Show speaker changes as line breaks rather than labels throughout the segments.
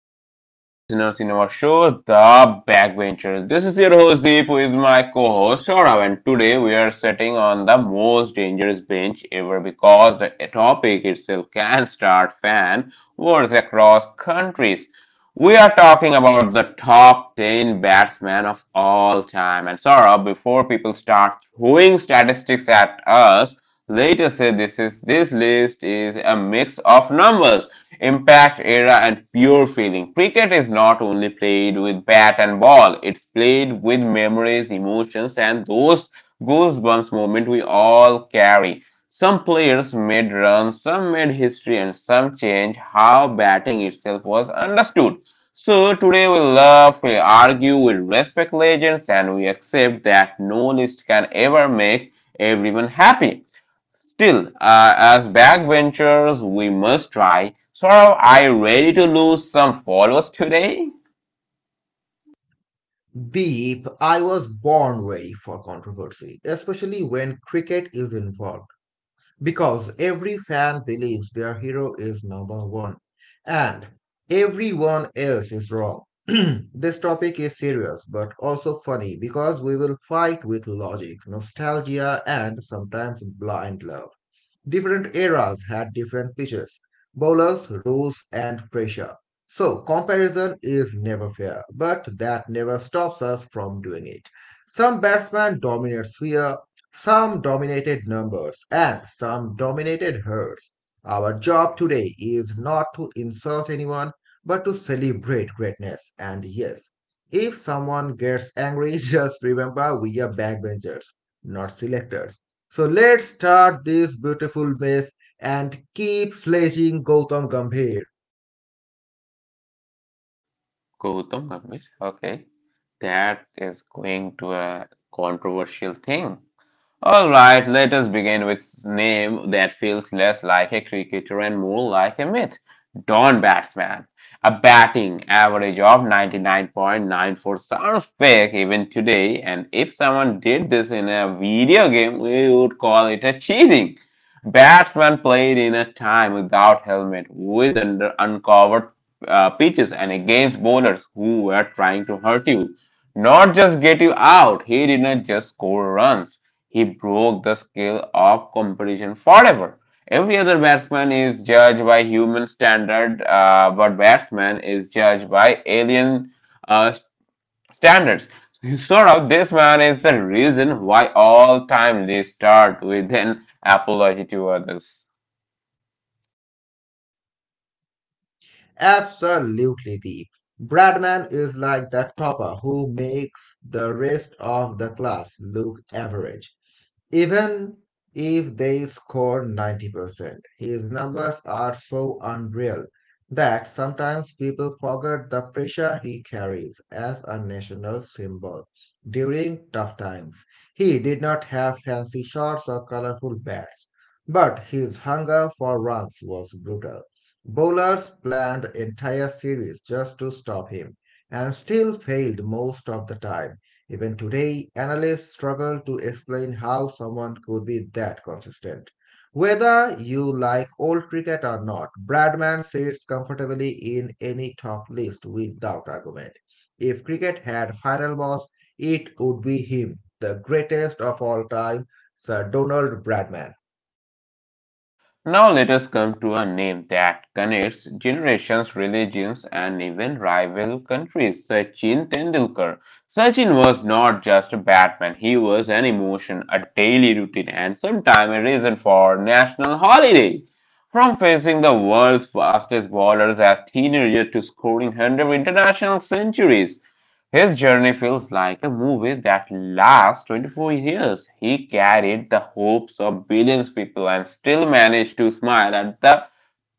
to all our listeners in our show, The Backbenchers. This is your host Deep with my co-host Saurav, and today we are sitting on the most dangerous bench ever because the topic itself can start fan wars across countries. We are talking about the top 10 batsmen of all time. And Saurav, before people start throwing statistics at us, let us say this list is a mix of numbers, impact, era and pure feeling. Cricket is not only played with bat and ball, it's played with memories, emotions, and those goosebumps moment we all carry. Some players made runs, some made history, and some changed how batting itself was understood. So today we love, we argue, we respect legends, and we accept that no list can ever make everyone happy. Still, as backbenchers, we must try. So, are you ready to lose some followers today?
Deep, I was born ready for controversy, especially when cricket is involved, because every fan believes their hero is number one and everyone else is wrong. This topic is serious but also funny because we will fight with logic, nostalgia, and sometimes blind love. Different eras had different pitches, bowlers, rules, and pressure. So, comparison is never fair, but that never stops us from doing it. Some batsmen dominate sphere, some dominated numbers, and some dominated herds. Our job today is not to insult anyone, but to celebrate greatness. And yes, if someone gets angry, just remember we are backbenchers, not selectors. So let's start this beautiful mess and keep sledging Gautam Gambhir.
Gautam Gambhir. Okay, that is going to a controversial thing. All right, let us begin with a name that feels less like a cricketer and more like a myth. Don Batsman. A batting average of 99.94 sounds fake even today, and if someone did this in a video game, we would call it a cheating. Batsman played in a time without helmet, with under uncovered pitches, and against bowlers who were trying to hurt you, not just get you out. He did not just score runs. He broke the scale of competition forever. Every other batsman is judged by human standard, but batsman is judged by alien uh, standards. Sort of, this man is the reason why all time they start with an apology to others.
Absolutely, Deep. Bradman is like that topper who makes the rest of the class look average. Even if they score 90%, his numbers are so unreal that sometimes people forget the pressure he carries as a national symbol during tough times. He did not have fancy shots or colorful bats, but his hunger for runs was brutal. Bowlers planned entire series just to stop him and still failed most of the time. Even today, analysts struggle to explain how someone could be that consistent. Whether you like old cricket or not, Bradman sits comfortably in any top list without argument. If cricket had final boss, it would be him, the greatest of all time, Sir Donald Bradman.
Now let us come to a name that connects generations, religions, and even rival countries, Sachin Tendulkar. Sachin was not just a batsman, he was an emotion, a daily routine, and sometimes a reason for national holiday. From facing the world's fastest bowlers as teenager to scoring 100 international centuries, his journey feels like a movie that lasts 24 years. He carried the hopes of billions of people and still managed to smile at the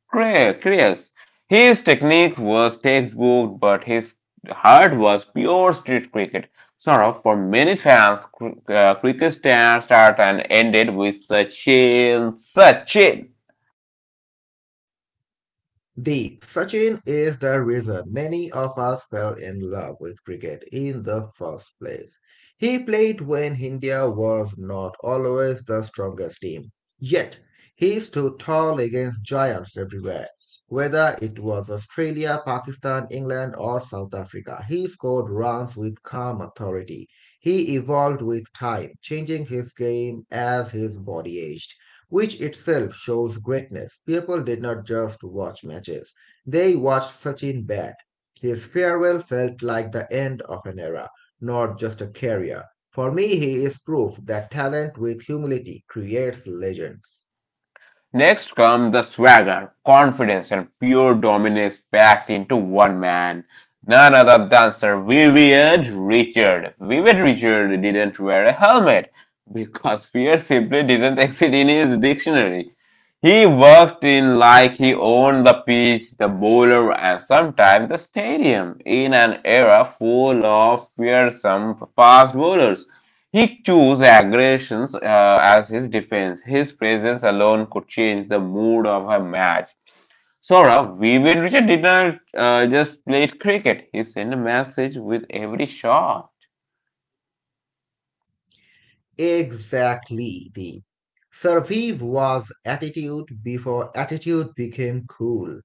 chaos. His technique was textbook, but his heart was pure street cricket. Sort of for many fans, cricket start and ended with Sachin, Sachin.
Deep, Sachin is the reason many of us fell in love with cricket in the first place. He played when India was not always the strongest team. Yet, he stood tall against giants everywhere. Whether it was Australia, Pakistan, England, or South Africa, he scored runs with calm authority. He evolved with time, changing his game as his body aged, which itself shows greatness. People did not just watch matches, they watched Sachin bat. His farewell felt like the end of an era, not just a career. For me, he is proof that talent with humility creates legends.
Next comes the swagger, confidence, and pure dominance packed into one man. None other than Sir Vivian Richard. Vivian Richard didn't wear a helmet because fear simply didn't exist in his dictionary. He worked in like he owned the pitch, the bowler, and sometimes the stadium in an era full of fearsome fast bowlers. He chose aggressions as his defense. His presence alone could change the mood of a match. Saurabh, Vivian Richard did not just play cricket. He sent a message with every shot.
Exactly, Deep. Survive was attitude before attitude became cool.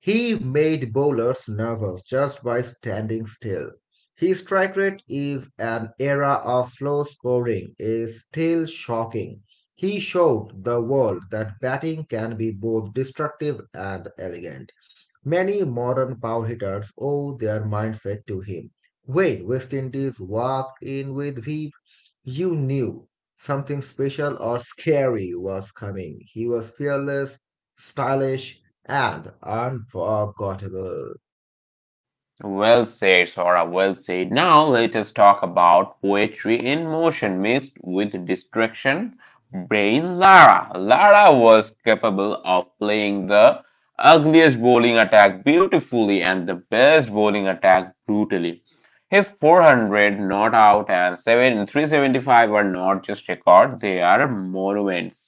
He made bowlers nervous just by standing still. His strike rate is an era of slow scoring is still shocking. He showed the world that batting can be both destructive and elegant. Many modern power hitters owe their mindset to him. When West Indies walked in with V, you knew something special or scary was coming. He was fearless, stylish, and unforgettable.
Well said, Sora, well said. Now let us talk about poetry in motion mixed with distraction. Brain Lara. Lara was capable of playing the ugliest bowling attack beautifully and the best bowling attack brutally. His 400 not out and 7 375 are not just records; they are monuments.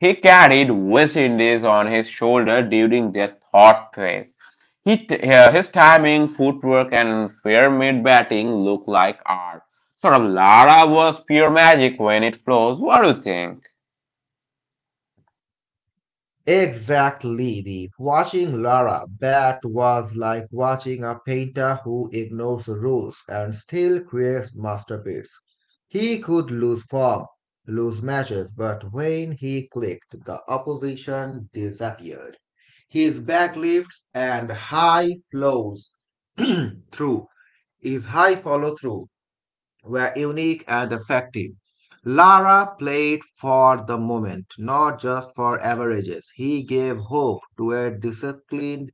He carried West Indies on his shoulder during their thought phase. He, his timing, footwork, and fair mid batting look like art. Sort of Lara was pure magic when it flows. What do you think?
Exactly. The watching Lara Bat was like watching a painter who ignores rules and still creates masterpieces. He could lose form, lose matches, but when he clicked, the opposition disappeared. His back lifts and high flows through is high follow through were unique and effective. Lara played for the moment, not just for averages. He gave hope to a disciplined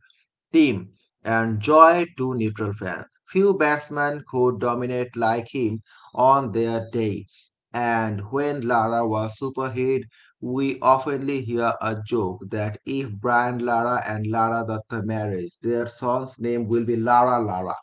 team and joy to neutral fans. Few batsmen could dominate like him on their day. And when Lara was superhit, we oftenly hear a joke that if Brian Lara and Lara Dutta marriage, their son's name will be Lara Lara.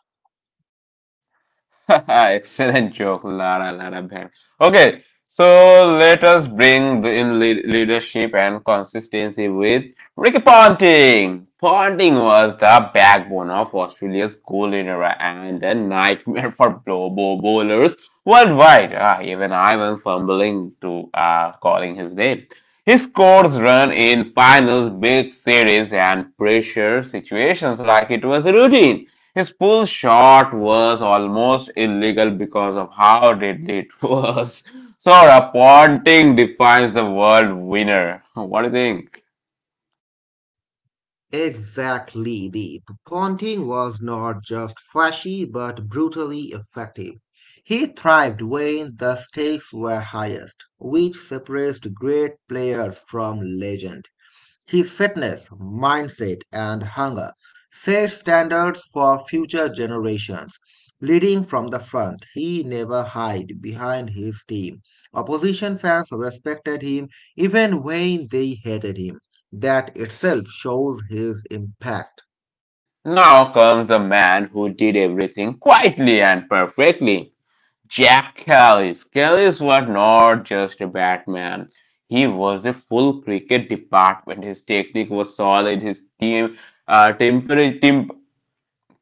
Excellent joke, Lara, Lara Bhand. Okay, so let us bring leadership and consistency with Ricky Ponting. Ponting was the backbone of Australia's golden era and a nightmare for bowlers worldwide. Ah, even I am fumbling to calling his name. He scores run in finals, big series, and pressure situations like it was routine. His pull shot was almost illegal because of how deadly it was. So Ponting defines the world winner. What do you think?
Exactly. The Ponting was not just flashy but brutally effective. He thrived when the stakes were highest, which separates great players from legend. His fitness, mindset, and hunger set standards for future generations. Leading from the front, he never hid behind his team. Opposition fans respected him even when they hated him. That itself shows his impact.
Now comes the man who did everything quietly and perfectly. Jack Callis. Callis was not just a batsman. He was a full cricket department. His technique was solid. His uh, temper- temp,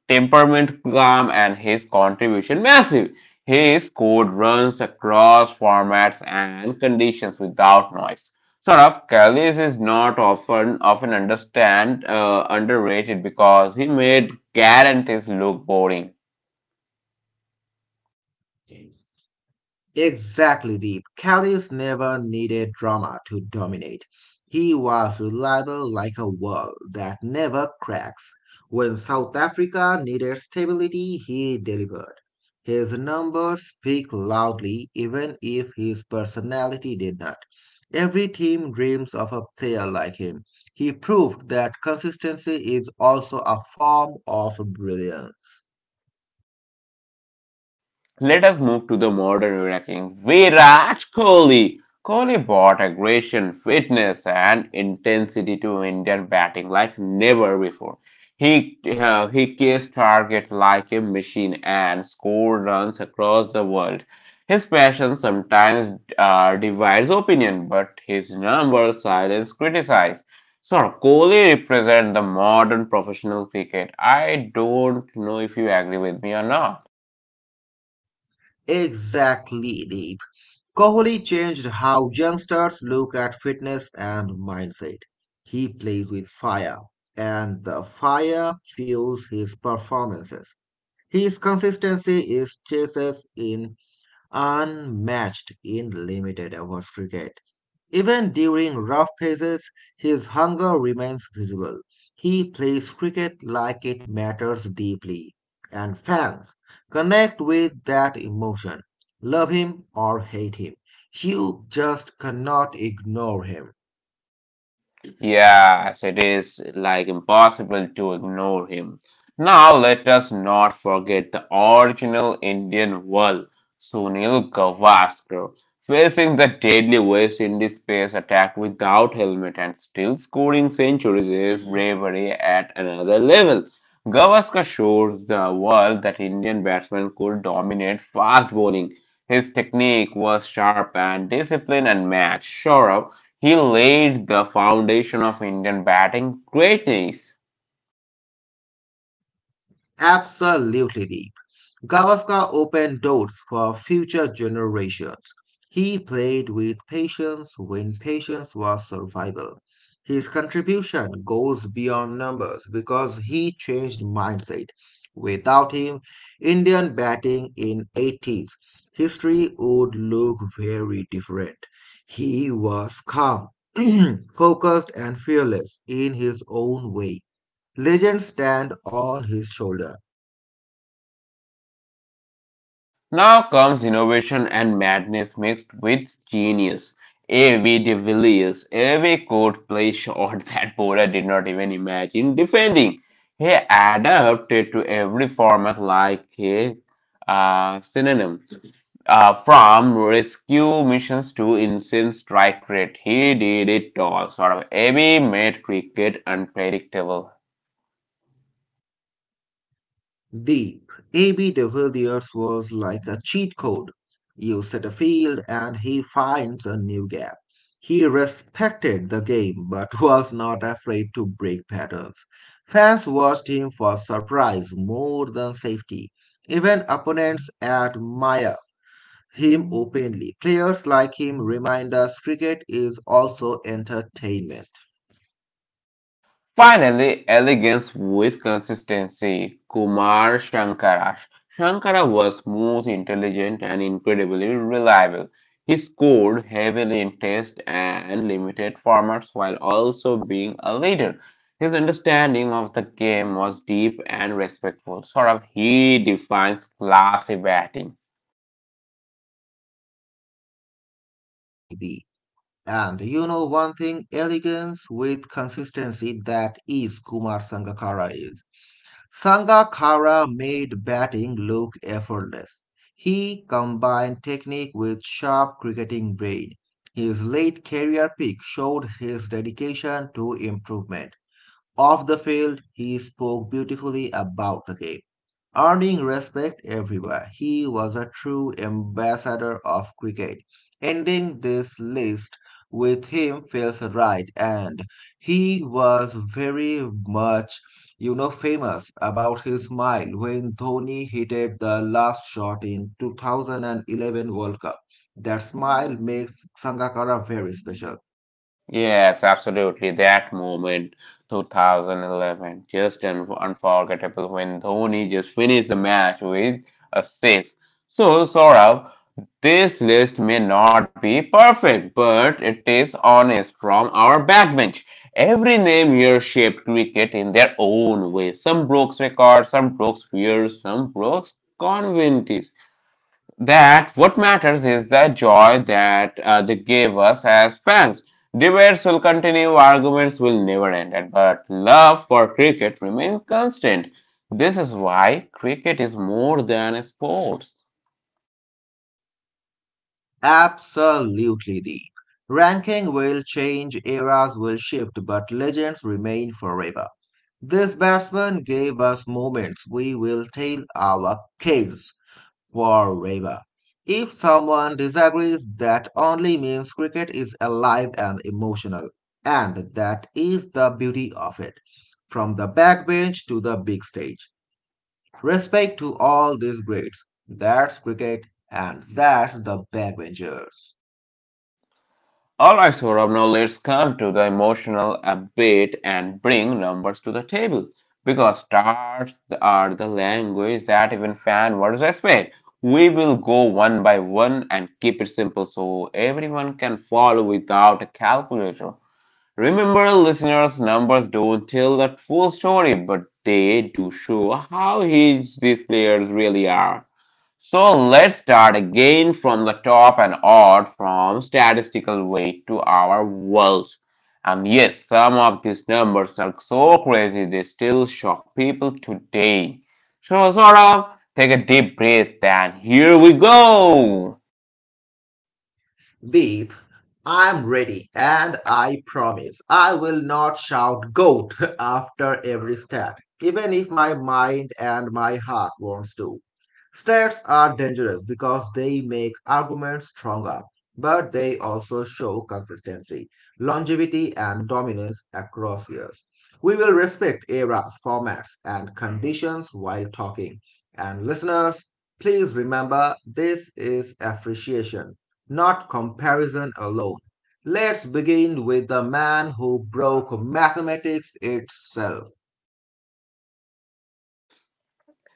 temperament calm and his contribution massive. His code runs across formats and conditions without noise. Saurabh Kallis is not often understand underrated because he made guarantees look boring.
Exactly, Deep. Callis never needed drama to dominate. He was reliable like a wall that never cracks. When South Africa needed stability, he delivered. His numbers speak loudly, even if his personality did not. Every team dreams of a player like him. He proved that consistency is also a form of brilliance.
Let us move to the modern ranking. Virat Kohli. Kohli brought aggression, fitness, and intensity to Indian batting like never before. He kissed target like a machine and scored runs across the world. His passion sometimes divides opinion, but his numbers silence criticize. So Kohli represents the modern professional cricket. I don't know if you agree with me or not.
Exactly, Deep. Kohli changed how youngsters look at fitness and mindset. He plays with fire, and the fire fuels his performances. His consistency is chases in unmatched in limited overs cricket. Even during rough phases, his hunger remains visible. He plays cricket like it matters deeply, and fans connect with that emotion. Love him or hate him, you just cannot ignore him.
Yes, it is like impossible to ignore him. Now, let us not forget the original Indian world, Sunil Gavaskar, facing the deadly West Indies space attack without helmet and still scoring centuries is bravery at another level. Gavaskar shows the world that Indian batsmen could dominate fast bowling. His technique was sharp and disciplined and matched. Sure he laid the foundation of Indian batting greatness.
Absolutely. Gavaskar opened doors for future generations. He played with patience when patience was survival. His contribution goes beyond numbers because he changed mindset. Without him, Indian batting in 80s history would look very different. He was calm, focused and fearless in his own way. Legends stand on his shoulder.
Now comes innovation and madness mixed with genius. A.V. de Villiers. A.V. could play shots that Bora did not even imagine defending. He adapted to every format like a synonym. From rescue missions to insane strike rate, he did it all. Sort of, A.V. made cricket unpredictable.
Deep, A.B. de Villiers was like a cheat code. You set a field and he finds a new gap. He respected the game but was not afraid to break patterns. Fans watched him for surprise more than safety. Even opponents admire him openly. Players like him remind us cricket is also entertainment.
Finally, elegance with consistency. Kumar Shankara. Shankara was most intelligent, and incredibly reliable. He scored heavily in test and limited formats while also being a leader. His understanding of the game was deep and respectful. Sort of, he defines classy batting.
We the And you know one thing, elegance with consistency, that is Kumar Sangakkara is. Sangakkara made batting look effortless. He combined technique with sharp cricketing brain. His late career peak showed his dedication to improvement. Off the field, he spoke beautifully about the game, earning respect everywhere. He was a true ambassador of cricket. Ending this list with him feels right, and he was very much, you know, famous about his smile when Dhoni hit the last shot in 2011 World Cup. That smile makes Sangakkara very special.
Yes, absolutely. That moment, 2011, just un unforgettable when Dhoni just finished the match with a six. So, Saurabh, this list may not be perfect, but it is honest from our backbench. Every name here shaped cricket in their own way. Some broke records, some broke fears, some broke conventions. That what matters is the joy that they gave us as fans. Debates will continue, arguments will never end, but love for cricket remains constant. This is why cricket is more than a sport.
Absolutely, deep. Ranking will change, eras will shift, but legends remain forever. This batsman gave us moments we will tell our kids forever. If someone disagrees, that only means cricket is alive and emotional. And that is the beauty of it. From the backbench to the big stage. Respect to all these greats. That's cricket and that's the backbenchers.
Alright, Saurabh, now let's come to the emotional a bit and bring numbers to the table. Because stars are the language that even fan words respect. We will go one by one and keep it simple so everyone can follow without a calculator. Remember, listeners, numbers don't tell the full story, but they do show how huge these players really are. So let's start again from the top and odd from statistical weight to our world. And yes, some of these numbers are so crazy they still shock people today. So sort of take a deep breath and here we go.
Deep, I'm ready, and I promise I will not shout GOAT after every stat, even if my mind and my heart wants to. Stats are dangerous because they make arguments stronger, but they also show consistency, longevity, and dominance across years. We will respect eras, formats, and conditions while talking. And listeners, please remember this is appreciation not comparison alone. Let's begin with the man who broke mathematics itself.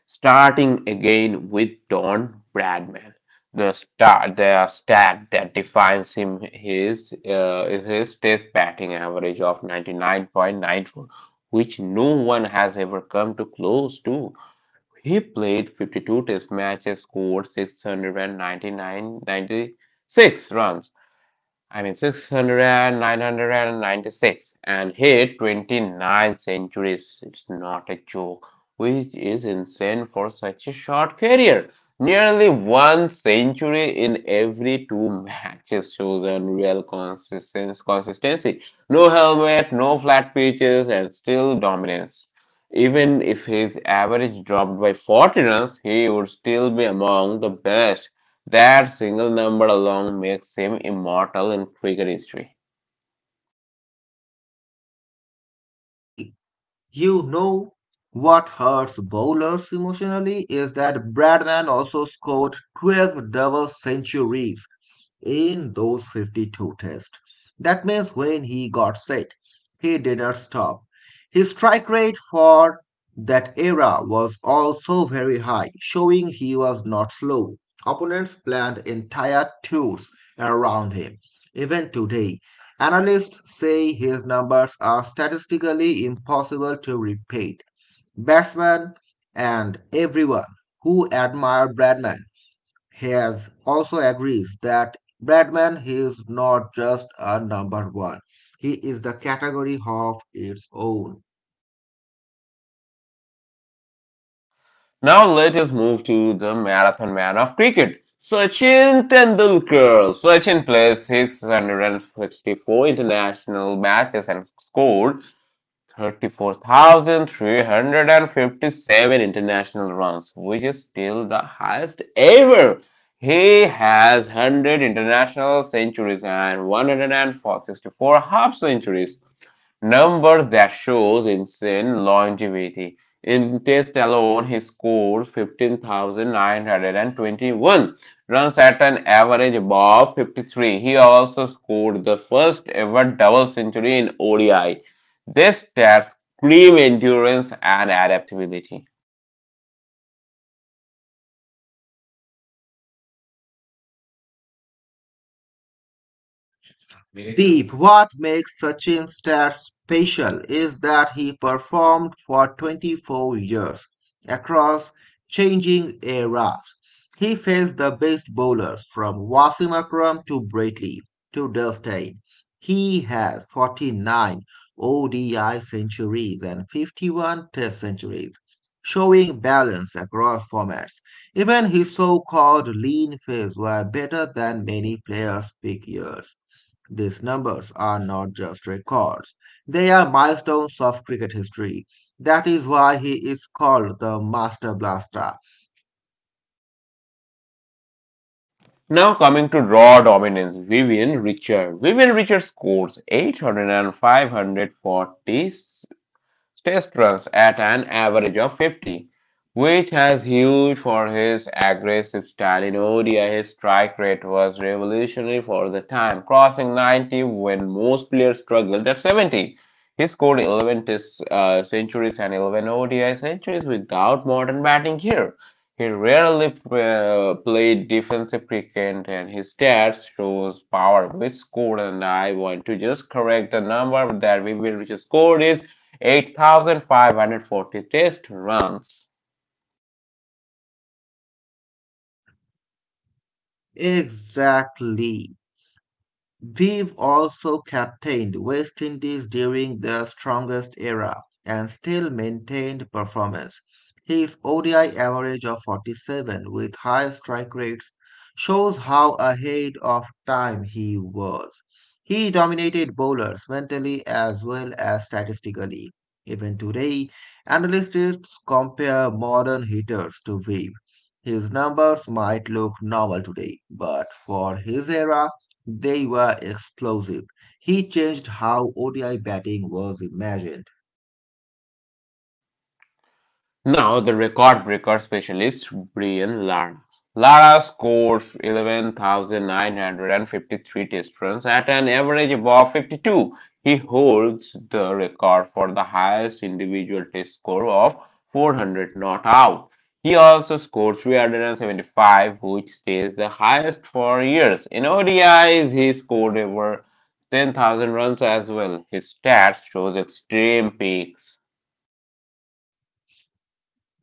Starting again with Don Bradman, the stat that defines him his is his Test batting average of 99.94, which no one has ever come to close to. He played 52 Test matches, scored 699.96 runs, I mean 600 and 996, and hit 29 centuries. It's not a joke, which is insane for such a short career. Nearly one century in every two matches shows unreal consistency. No helmet, no flat pitches, and still dominance. Even if his average dropped by 40 runs, he would still be among the best. That single number alone makes him immortal in cricket history.
The you know what hurts bowlers emotionally is that Bradman also scored 12 double centuries in those 52 tests. That means when he got set, he didn't stop. His strike rate for that era was also very high, showing he was not slow. Opponents planned entire tours around him. Even today, analysts say his numbers are statistically impossible to repeat. Batsmen and everyone who admire Bradman Hayes also agrees that Bradman is not just a number one, he is the category of its own.
Now let us move to the marathon man of cricket, Sachin Tendulkar. Sachin played 664 international matches and scored 34,357 international runs, which is still the highest ever. He has 100 international centuries and 164 half centuries. Numbers that shows insane longevity. In Test alone, he scores 15,921 runs at an average above 53. He also scored the first ever double century in ODI. This stats scream endurance and adaptability.
Deep, what makes Sachin's stats special is that he performed for 24 years across changing eras. He faced the best bowlers from Wasim Akram to Brady to Dustin. He has 49 ODI centuries and 51 Test centuries, showing balance across formats. Even his so-called lean phase were better than many players' peak years. These numbers are not just records, they are milestones of cricket history. That is why he is called the Master Blaster.
Now coming to raw dominance, Vivian Richard. Vivian Richard scores 800 test runs at an average of 50, which has huge for his aggressive style. In ODI, his strike rate was revolutionary for the time, crossing 90 when most players struggled at 70. He scored 11 test centuries and 11 ODI centuries without modern batting here. He rarely played defensive cricket and his stats shows power with score. And I want to just correct the number that we will just scored is 8,540 test runs.
Exactly. We've also captained West Indies during their strongest era and still maintained performance. His ODI average of 47 with high strike rates shows how ahead of time he was. He dominated bowlers mentally as well as statistically. Even today, analysts compare modern hitters to Webb. His numbers might look normal today, but for his era, they were explosive. He changed how ODI batting was imagined.
Now, the record breaker specialist Brian Lara. Lara scored 11,953 test runs at an average above 52. He holds the record for the highest individual test score of 400 not out. He also scored 375, which stays the highest for years. In ODIs, he scored over 10,000 runs as well. His stats shows extreme peaks.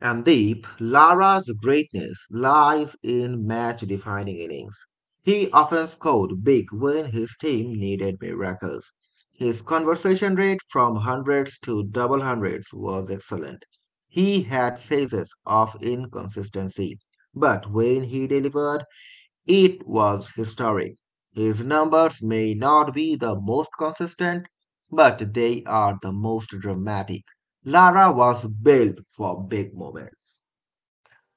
And Deep, Lara's greatness lies in match defining innings. He often scored big when his team needed miracles. His conversion rate from hundreds to double hundreds was excellent. He had phases of inconsistency, but when he delivered, it was historic. His numbers may not be the most consistent, but they are the most dramatic. Lara was built for big moments.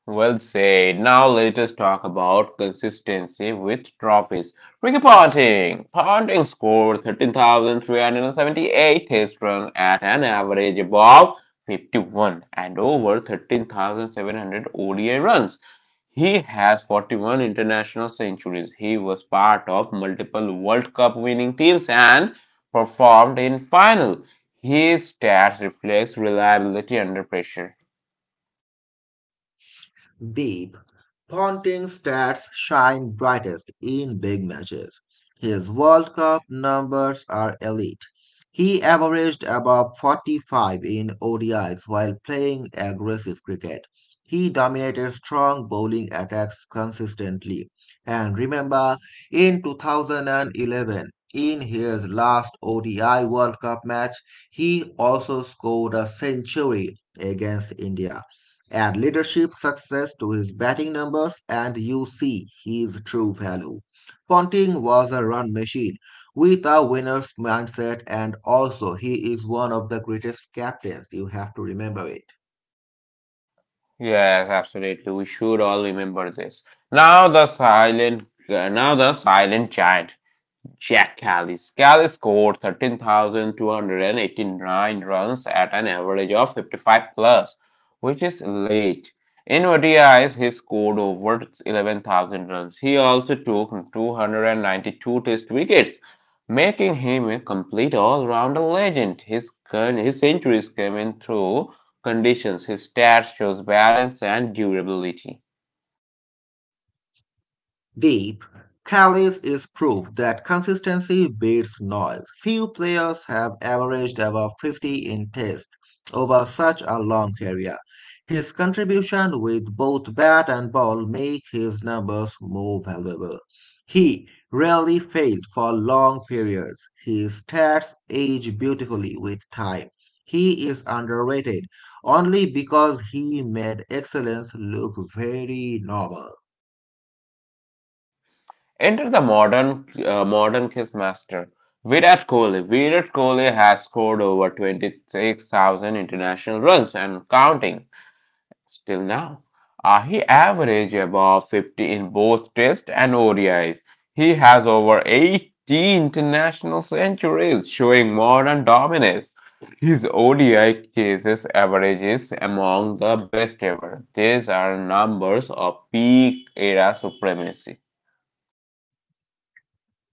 Well said. Now let us talk about consistency with trophies. Ricky Ponting. Ponting scored 13,378 test runs at an average above 51 and over 13,700 ODI runs. He has 41 international centuries. He was part of multiple World Cup winning teams and performed in final. His stats reflects reliability under pressure.
Deep, Ponting stats shine brightest in big matches. His World Cup numbers are elite. He averaged above 45 in ODIs while playing aggressive cricket. He dominated strong bowling attacks consistently. And remember, in 2011, in his last ODI World Cup match, he also scored a century against India. Add leadership success to his batting numbers and you see his true value. Ponting was a run machine with a winner's mindset, and also he is one of the greatest captains. You have to remember it.
Yes, absolutely. We should all remember this. Now the silent giant. Jack Callis. Callis scored 13,289 runs at an average of 55 plus, which is late. In ODIs, he scored over 11,000 runs. He also took 292 test wickets, making him a complete all-rounder legend. His centuries came in through conditions. His stats shows balance and durability.
Deep, Callis is proof that consistency beats noise. Few players have averaged above 50 in test over such a long career. His contribution with both bat and ball make his numbers more valuable. He rarely failed for long periods. His stats age beautifully with time. He is underrated only because he made excellence look very normal.
Enter the modern chess master Virat Kohli. Virat Kohli has scored over 26,000 international runs and counting still now. He averaged above 50 in both Test and ODIs. He has over 80 international centuries, showing modern dominance. His ODI cases averages among the best ever. These are numbers of peak era supremacy.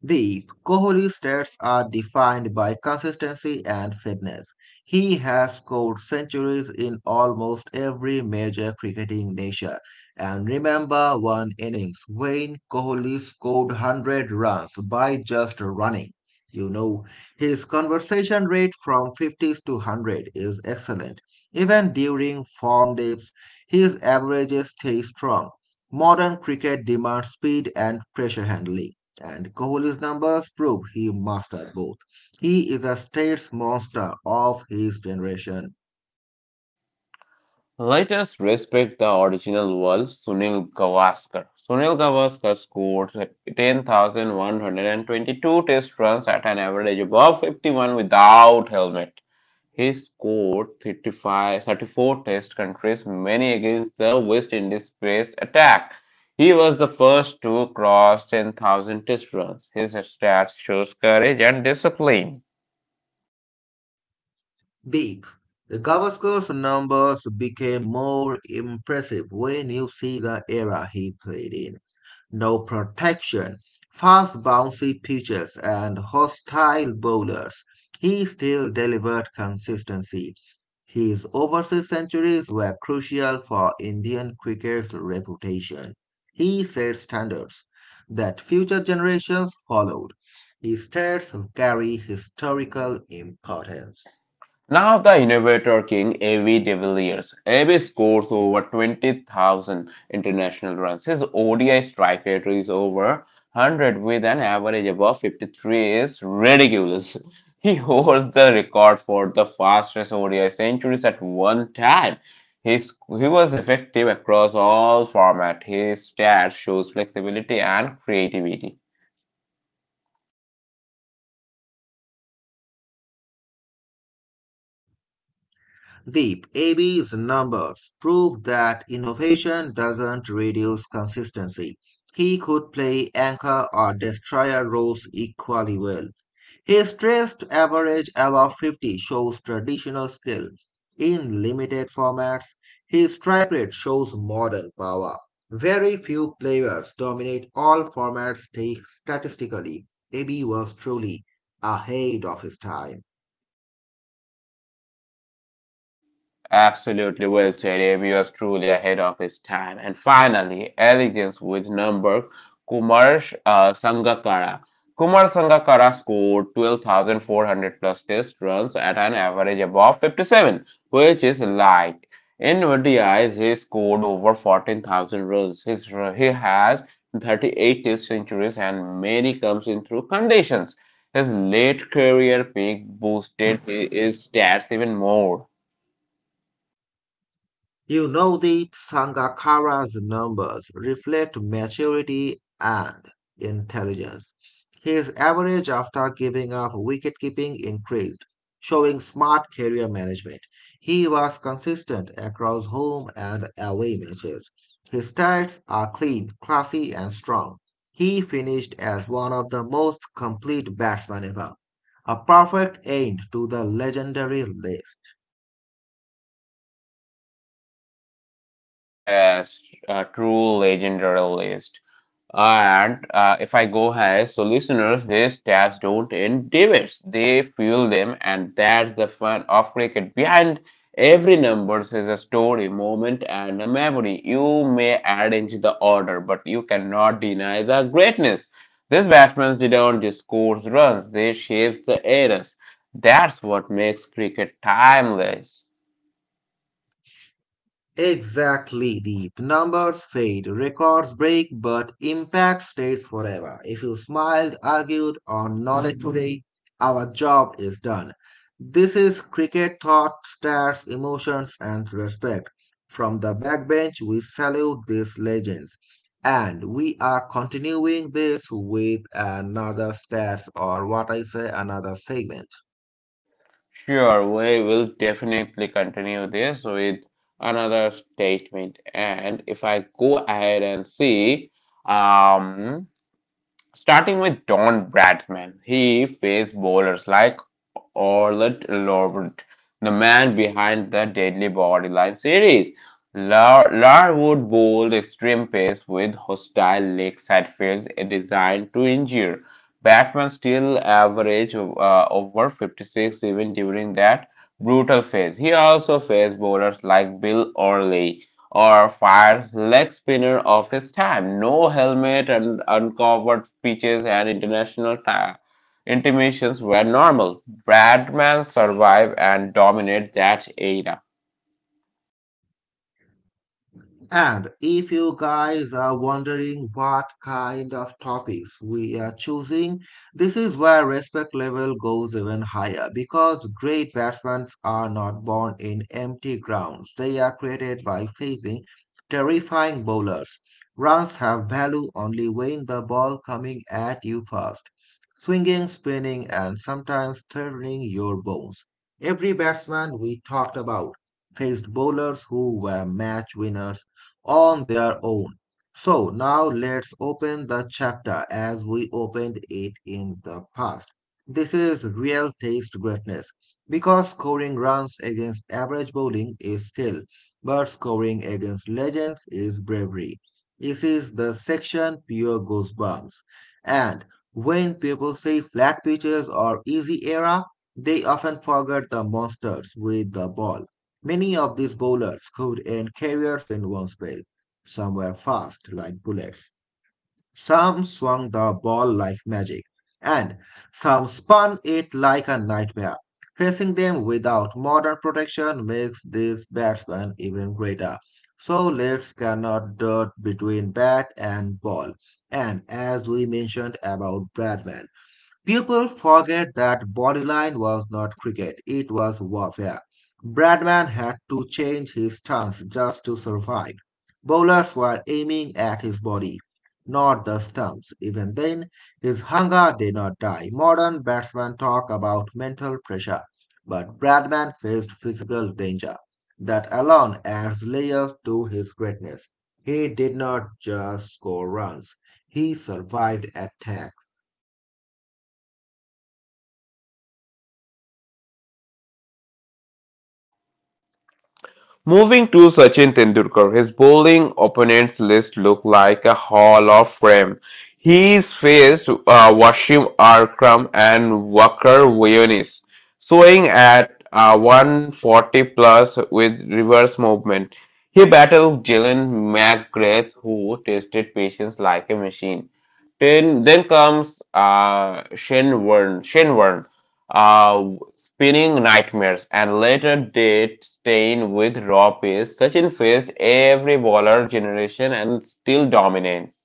The Kohli stats are defined by consistency and fitness. He has scored centuries in almost every major cricketing nation. And remember one innings when Kohli scored 100 runs by just running. You know, his conversion rate from 50s to 100 is excellent. Even during form dips, his averages stay strong. Modern cricket demands speed and pressure handling and Kohli's numbers prove he mastered both. He is a states monster of his generation.
Let us respect the original world, Sunil Gavaskar. Sunil Gavaskar scored 10,122 test runs at an average above 51 without helmet. He scored 35, 34 test countries, many against the West Indies based attack. He was the first to cross 10,000 test runs. His stats shows courage and discipline.
Deep, the Gavaskar's numbers became more impressive when you see the era he played in. No protection, fast bouncy pitches, and hostile bowlers, he still delivered consistency. His overseas centuries were crucial for Indian cricket's reputation. He set standards that future generations followed. His stats carry historical importance.
Now the innovator king A.V. de Villiers. A.V. scores over 20,000 international runs. His ODI strike rate is over 100 with an average above 53 is ridiculous. He holds the record for the fastest ODI centuries at one time. He was effective across all formats. His stats shows flexibility and creativity.
Deep, AB's numbers prove that innovation doesn't reduce consistency. He could play anchor or destroyer roles equally well. His stressed average above 50 shows traditional skill. In limited formats, his strike rate shows modern power. Very few players dominate all formats statistically. AB was truly ahead of his time.
Absolutely well said. Avery was truly ahead of his time. And finally, elegance with number Kumar Sangakkara. Kumar Sangakkara scored 12,400 plus test runs at an average above 57, which is light. In ODIs, he scored over 14,000 runs. He has 38 test centuries and many comes in through conditions. His late career peak boosted his stats even more.
You know the Sangakkara's numbers reflect maturity and intelligence. His average after giving up wicketkeeping increased, showing smart career management. He was consistent across home and away matches. His stats are clean, classy, and strong. He finished as one of the most complete batsmen ever, a perfect end to the legendary list.
Yes, a true legendary list. And if I go high, so listeners, these stats don't end debates. They fuel them, and that's the fun of cricket. Behind every number is a story, moment, and a memory. You may arrange the order, but you cannot deny the greatness. These batsmen didn't just score runs; they shaped the eras. That's what makes cricket timeless.
Exactly, the numbers fade, records break, but impact stays forever. If you smiled, argued, or nodded today, our job is done. This is cricket thought, stats, emotions, and respect. From the backbench, we salute these legends. And we are continuing this with another stats, or what I say, another segment.
Sure, we will definitely continue this with another statement. And if I go ahead and see, um, starting with Don Bradman, he faced bowlers like Orlet Lorwent, the man behind the Deadly Bodyline series. Larwood bowled extreme pace with hostile lakeside fields designed to injure. Batman still averaged over 56 even during that brutal phase. He also faced bowlers like Bill Orley or fires leg spinner of his time. No helmet and uncovered pitches and international Intimations were normal. Bradman survived and dominated that era.
And if you guys are wondering what kind of topics we are choosing, this is where respect level goes even higher because great batsmen are not born in empty grounds. They are created by facing terrifying bowlers. Runs have value only when the ball coming at you fast, swinging, spinning, and sometimes threatening your bones. Every batsman we talked about faced bowlers who were match winners on their own. So now let's open the chapter as we opened it in the past. This is real taste greatness because scoring runs against average bowling is skill, but scoring against legends is bravery. This is the section pure goosebumps. And when people say flat pitches or easy era, they often forget the monsters with the ball. Many of these bowlers could end careers in one spell. Some were fast like bullets, some swung the ball like magic, and some spun it like a nightmare. Facing them without modern protection makes these batsmen even greater. So let's cannot dot between bat and ball. And as we mentioned about Bradman, people forget that Bodyline was not cricket, it was warfare. Bradman had to change his stance just to survive. Bowlers were aiming at his body, not the stumps. Even then, his hunger did not die. Modern batsmen talk about mental pressure, but Bradman faced physical danger. That alone adds layers to his greatness. He did not just score runs, he survived attack.
Moving to Sachin Tendulkar, his bowling opponents list looked like a hall of fame. He's faced Washim Akram and Wakar Yunis, swinging at 140 plus with reverse movement. He battled Jalen McGrath, who tested patience like a machine. Then comes Shane Warne. Shane Warne, uh, spinning nightmares, and later did stain with raw pace. Sachin faced every baller generation and still dominant.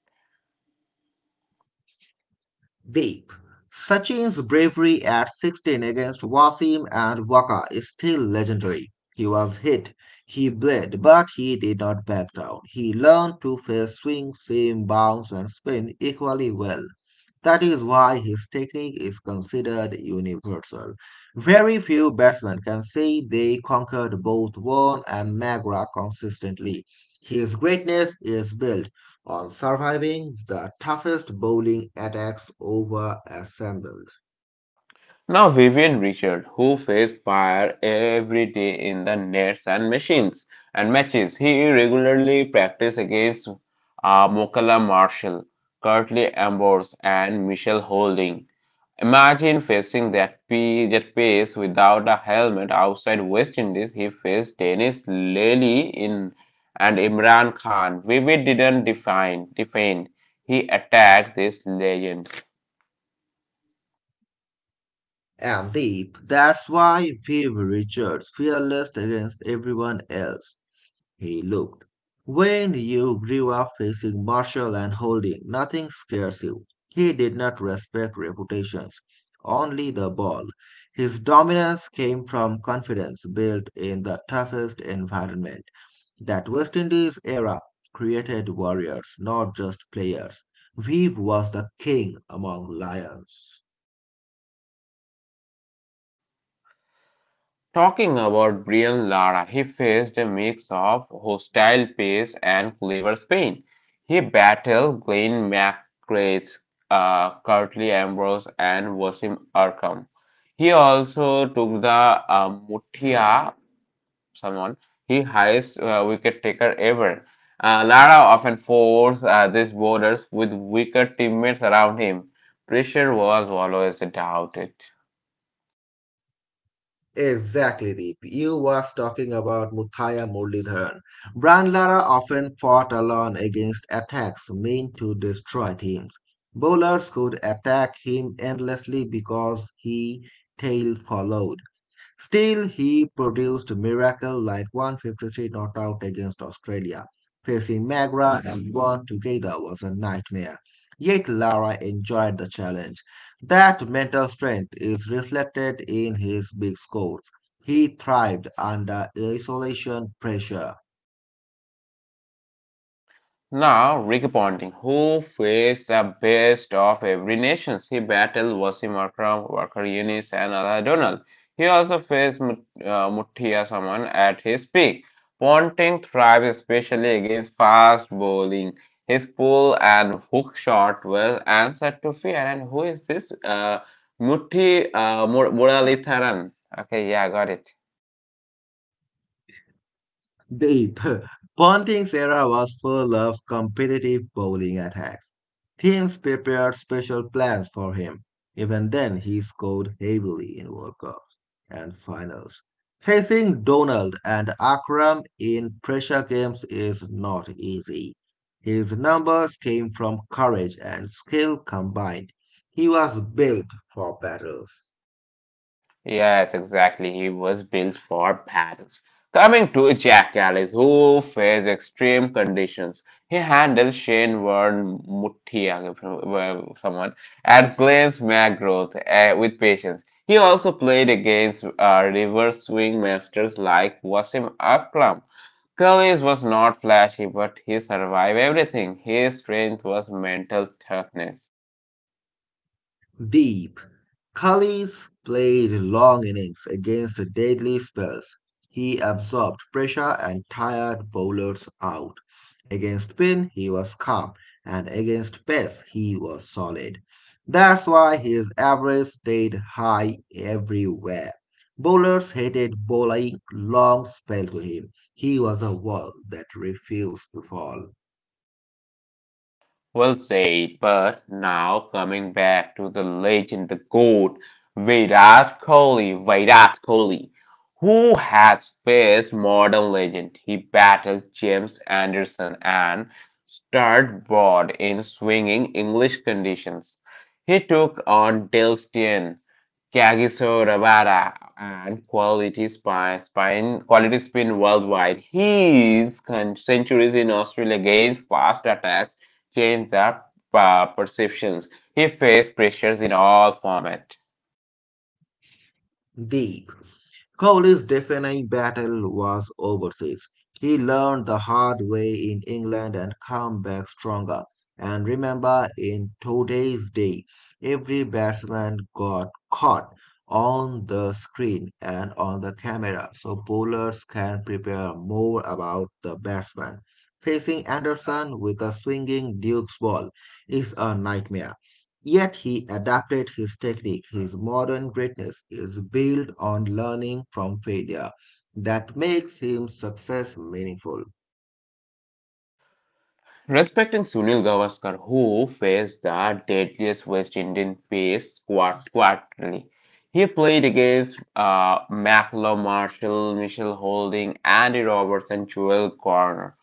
Deep. Sachin's bravery at 16 against Wasim and Waka is still legendary. He was hit, he bled, but he did not back down. He learned to face swing, seam, bounce, and spin equally well. That is why his technique is considered universal. Very few batsmen can say they conquered both Vaughan and Magra consistently. His greatness is built on surviving the toughest bowling attacks over assembled.
Now, Vivian Richard, who faced fire every day in the nets and machines and matches, he regularly practiced against Mokala Marshall, Curtly Ambrose, and Michelle Holding. Imagine facing that pace without a helmet outside West Indies. He faced Dennis Lely in and Imran Khan. Vivid didn't define, defend. He attacked this legend.
And Deep, that's why Viv Richards fearless against everyone else. He looked. When you grew up facing Marshall and Holding, nothing scares you. He did not respect reputations, only the ball. His dominance came from confidence built in the toughest environment. That West Indies era created warriors, not just players. Vive was the king among lions.
Talking about Brian Lara, he faced a mix of hostile pace and clever spin. He battled Glenn McGrath, Curtly Ambrose, and Wasim Arkham. He also took the Mutia, someone, he highest wicket taker ever. Lara often forced these bowlers with weaker teammates around him. Pressure was always doubted.
Exactly, Deep. You was talking about Muthaya Muralidharan. Brandlara often fought alone against attacks meant to destroy teams. Bowlers could attack him endlessly because he tail followed. Still, he produced a miracle like 153 not out against Australia. Facing Magra and Vaughan together was a nightmare. Yet Lara enjoyed the challenge. That mental strength is reflected in his big scores. He thrived under isolation pressure.
Now, Rick Ponting, who faced the best of every nation, he battled Wasim Akram, Wakar Yunis, and Ala Donald. He also faced Mutia Saman at his peak. Ponting thrived especially against fast bowling. His pull and hook shot were answered to fear. And who is this? Muralitharan. Okay, yeah, got it.
Deep. Ponting's era was full of competitive bowling attacks. Teams prepared special plans for him. Even then, he scored heavily in World Cups and finals. Facing Donald and Akram in pressure games is not easy. His numbers came from courage and skill combined. He was built for battles.
Yes, exactly. He was built for battles. Coming to Jack Ellis, who faced extreme conditions, he handled Shane Warne Mutia, well, someone, and Glenn's McGrath with patience. He also played against reverse swing masters like Wasim Akram. Collins was not flashy, but he survived everything. His strength was mental toughness.
Deep. Collins played long innings against deadly spells. He absorbed pressure and tired bowlers out. Against spin, he was calm, and against pace, he was solid. That's why his average stayed high everywhere. Bowlers hated bowling long spell to him. He was a wall that refused to fall.
Well said, but now coming back to the legend, the GOAT, Virat Kohli, who has faced modern legend. He battled James Anderson and starred broad in swinging English conditions. He took on Dale Steyn, Kagiso and Quality Spin Quality Spin worldwide. His centuries in Australia against fast attacks changed their perceptions. He faced pressures in all formats.
Deep. Cowley's deafening battle was overseas. He learned the hard way in England and came back stronger. And remember, in today's day, every batsman got caught on the screen and on the camera, so bowlers can prepare more about the batsman. Facing Anderson with a swinging Duke's ball is a nightmare. Yet he adapted his technique. His modern greatness is built on learning from failure. That makes him success meaningful.
Respecting Sunil Gavaskar, who faced the deadliest West Indian pace quarterly. He played against Macklow Marshall, Michelle Holding, Andy Roberts, and Joel Corner.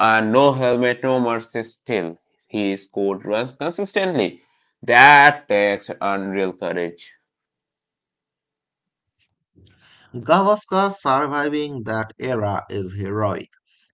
And no helmet, no mercy still. He scored runs consistently. That takes unreal courage.
Gavaskar surviving that era is heroic.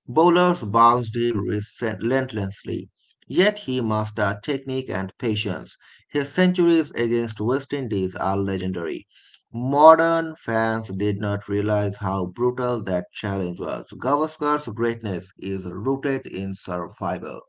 Bowlers bounced him relentlessly, yet he mastered technique and patience. His centuries against West Indies are legendary. Modern fans did not realize how brutal that challenge was. Gavaskar's greatness is rooted in survival.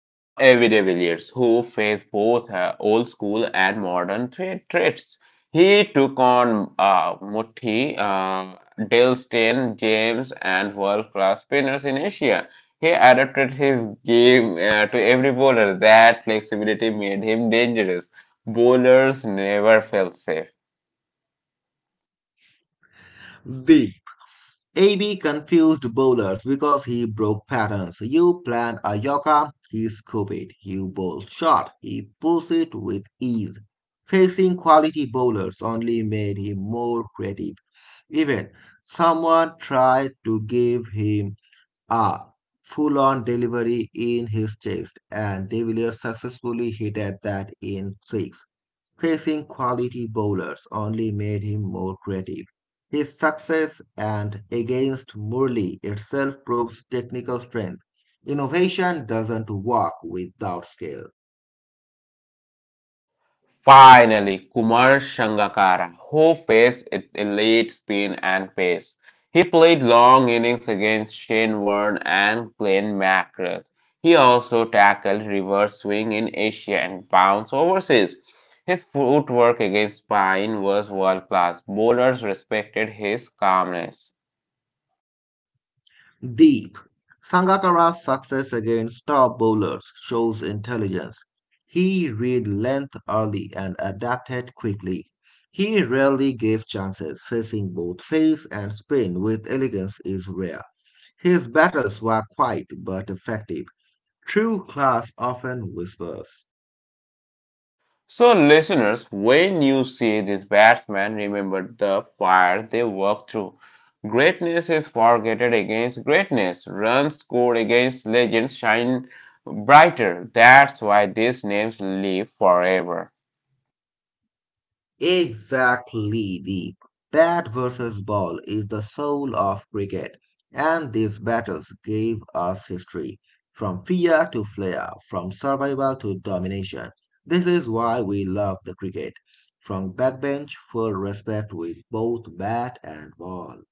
Now, everyday Villiers, who faced both old school and modern traits, he took on Dale Steyn, James, and world class spinners in Asia. He adapted his game to every bowler. That flexibility made him dangerous. Bowlers never felt safe.
The AB confused bowlers because he broke patterns. You plan a yorker, he scoop it. You bowl short, he pulls it with ease. Facing quality bowlers only made him more creative. Even someone tried to give him a full on delivery in his chest, and De Villiers successfully hit at that in six. Facing quality bowlers only made him more creative. His success and against Murli itself proves technical strength. Innovation doesn't work without skill.
Finally, Kumar Sangakkara, who faced at elite spin and pace. He played long innings against Shane Warne and Glenn McGrath. He also tackled reverse swing in Asia and bounced overseas. His footwork against spin was world class. Bowlers respected his calmness.
Deep. Sangakkara's success against top bowlers shows intelligence. He read length early and adapted quickly. He rarely gave chances, facing both pace and spin with elegance is rare. His battles were quiet but effective. True class often whispers.
So, listeners, when you see these batsmen, remember the fire they walked through. Greatness is forgotten against greatness. Runs scored against legends shine brighter. That's why these names live forever.
Exactly. The bat versus ball is the soul of cricket, and these battles gave us history. From fear to flair, from survival to domination. This is why we love the cricket. From backbench, full respect with both bat and ball.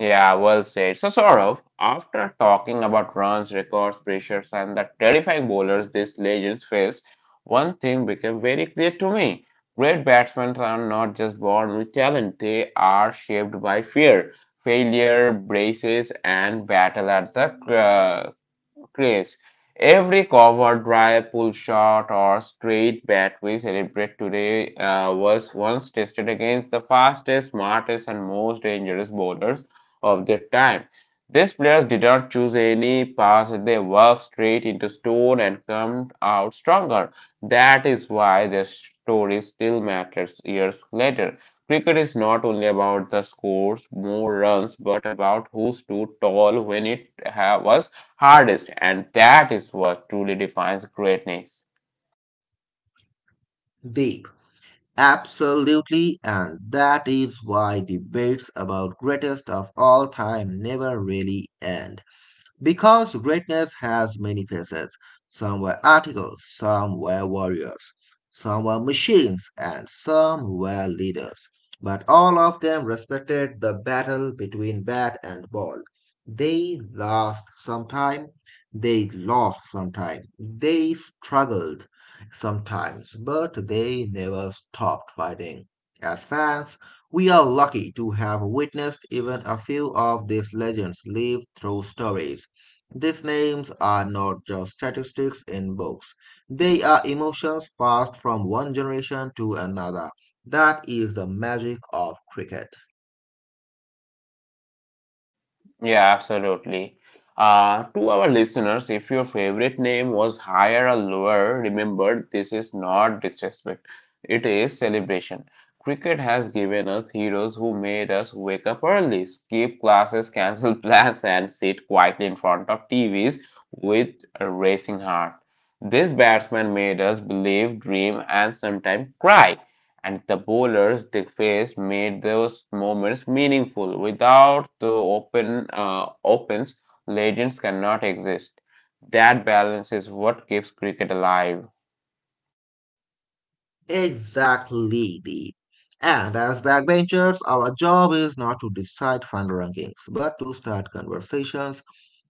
Yeah, well said. So, Saurav, after talking about runs, records, pressures, and the terrifying bowlers these legends face, one thing became very clear to me. Great batsmen are not just born with talent, they are shaped by fear, failure, braces, and battle at the uh, Yes, every cover drive, pull shot, or straight bat we celebrate today was once tested against the fastest, smartest, and most dangerous bowlers of their time. These players did not choose any pass, they walked straight into stone and come out stronger. That is why their story still matters years later. Cricket is not only about the scores, more runs, but about who stood tall when was hardest, and that is what truly defines greatness.
Deep. Absolutely, and that is why debates about greatest of all time never really end. Because greatness has many faces. Some were articles, some were warriors, some were machines, and some were leaders. But all of them respected the battle between bat and ball. They lost some time, they lost some time, they struggled sometimes, but they never stopped fighting. As fans, we are lucky to have witnessed even a few of these legends live through stories these names are not just statistics in books. They are emotions passed from one generation to another. That is the magic of cricket.
Yeah, absolutely. To our listeners, if your favorite name was higher or lower, remember this is not disrespect, it is celebration. Cricket has given us heroes who made us wake up early, skip classes, cancel plans, and sit quietly in front of TVs with a racing heart. This batsman made us believe, dream, and sometimes cry, and the bowlers they faced made those moments meaningful. Without the opens, legends cannot exist. That balance is what keeps cricket alive.
Exactly, Deep. And as backbenchers, our job is not to decide fund rankings, but to start conversations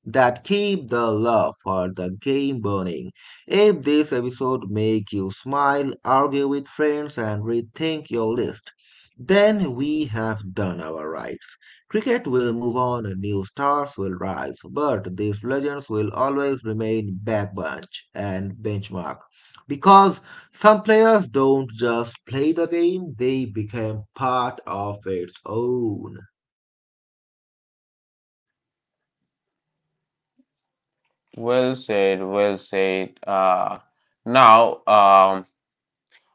that keep the love for the game burning. If this episode make you smile, argue with friends and rethink your list, then we have done our rights. Cricket will move on, new stars will rise, but these legends will always remain backbench and benchmark. Because some players don't just play the game, they become part of its own.
Well said, well said. Now.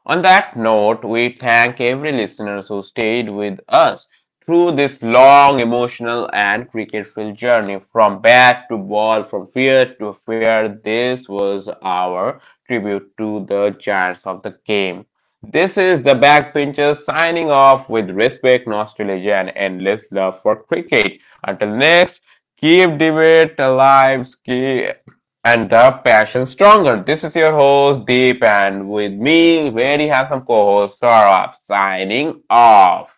On that note, we thank every listener who stayed with us through this long, emotional, and cricket filled journey from bat to ball, from fear to fear. This was our tribute to the giants of the game. This is the Backbenchers signing off with respect, nostalgia, and endless love for cricket. Until next, keep debate alive, keep and the passion stronger. This is your host Deep, and with me, very handsome co-host Saurabh signing off.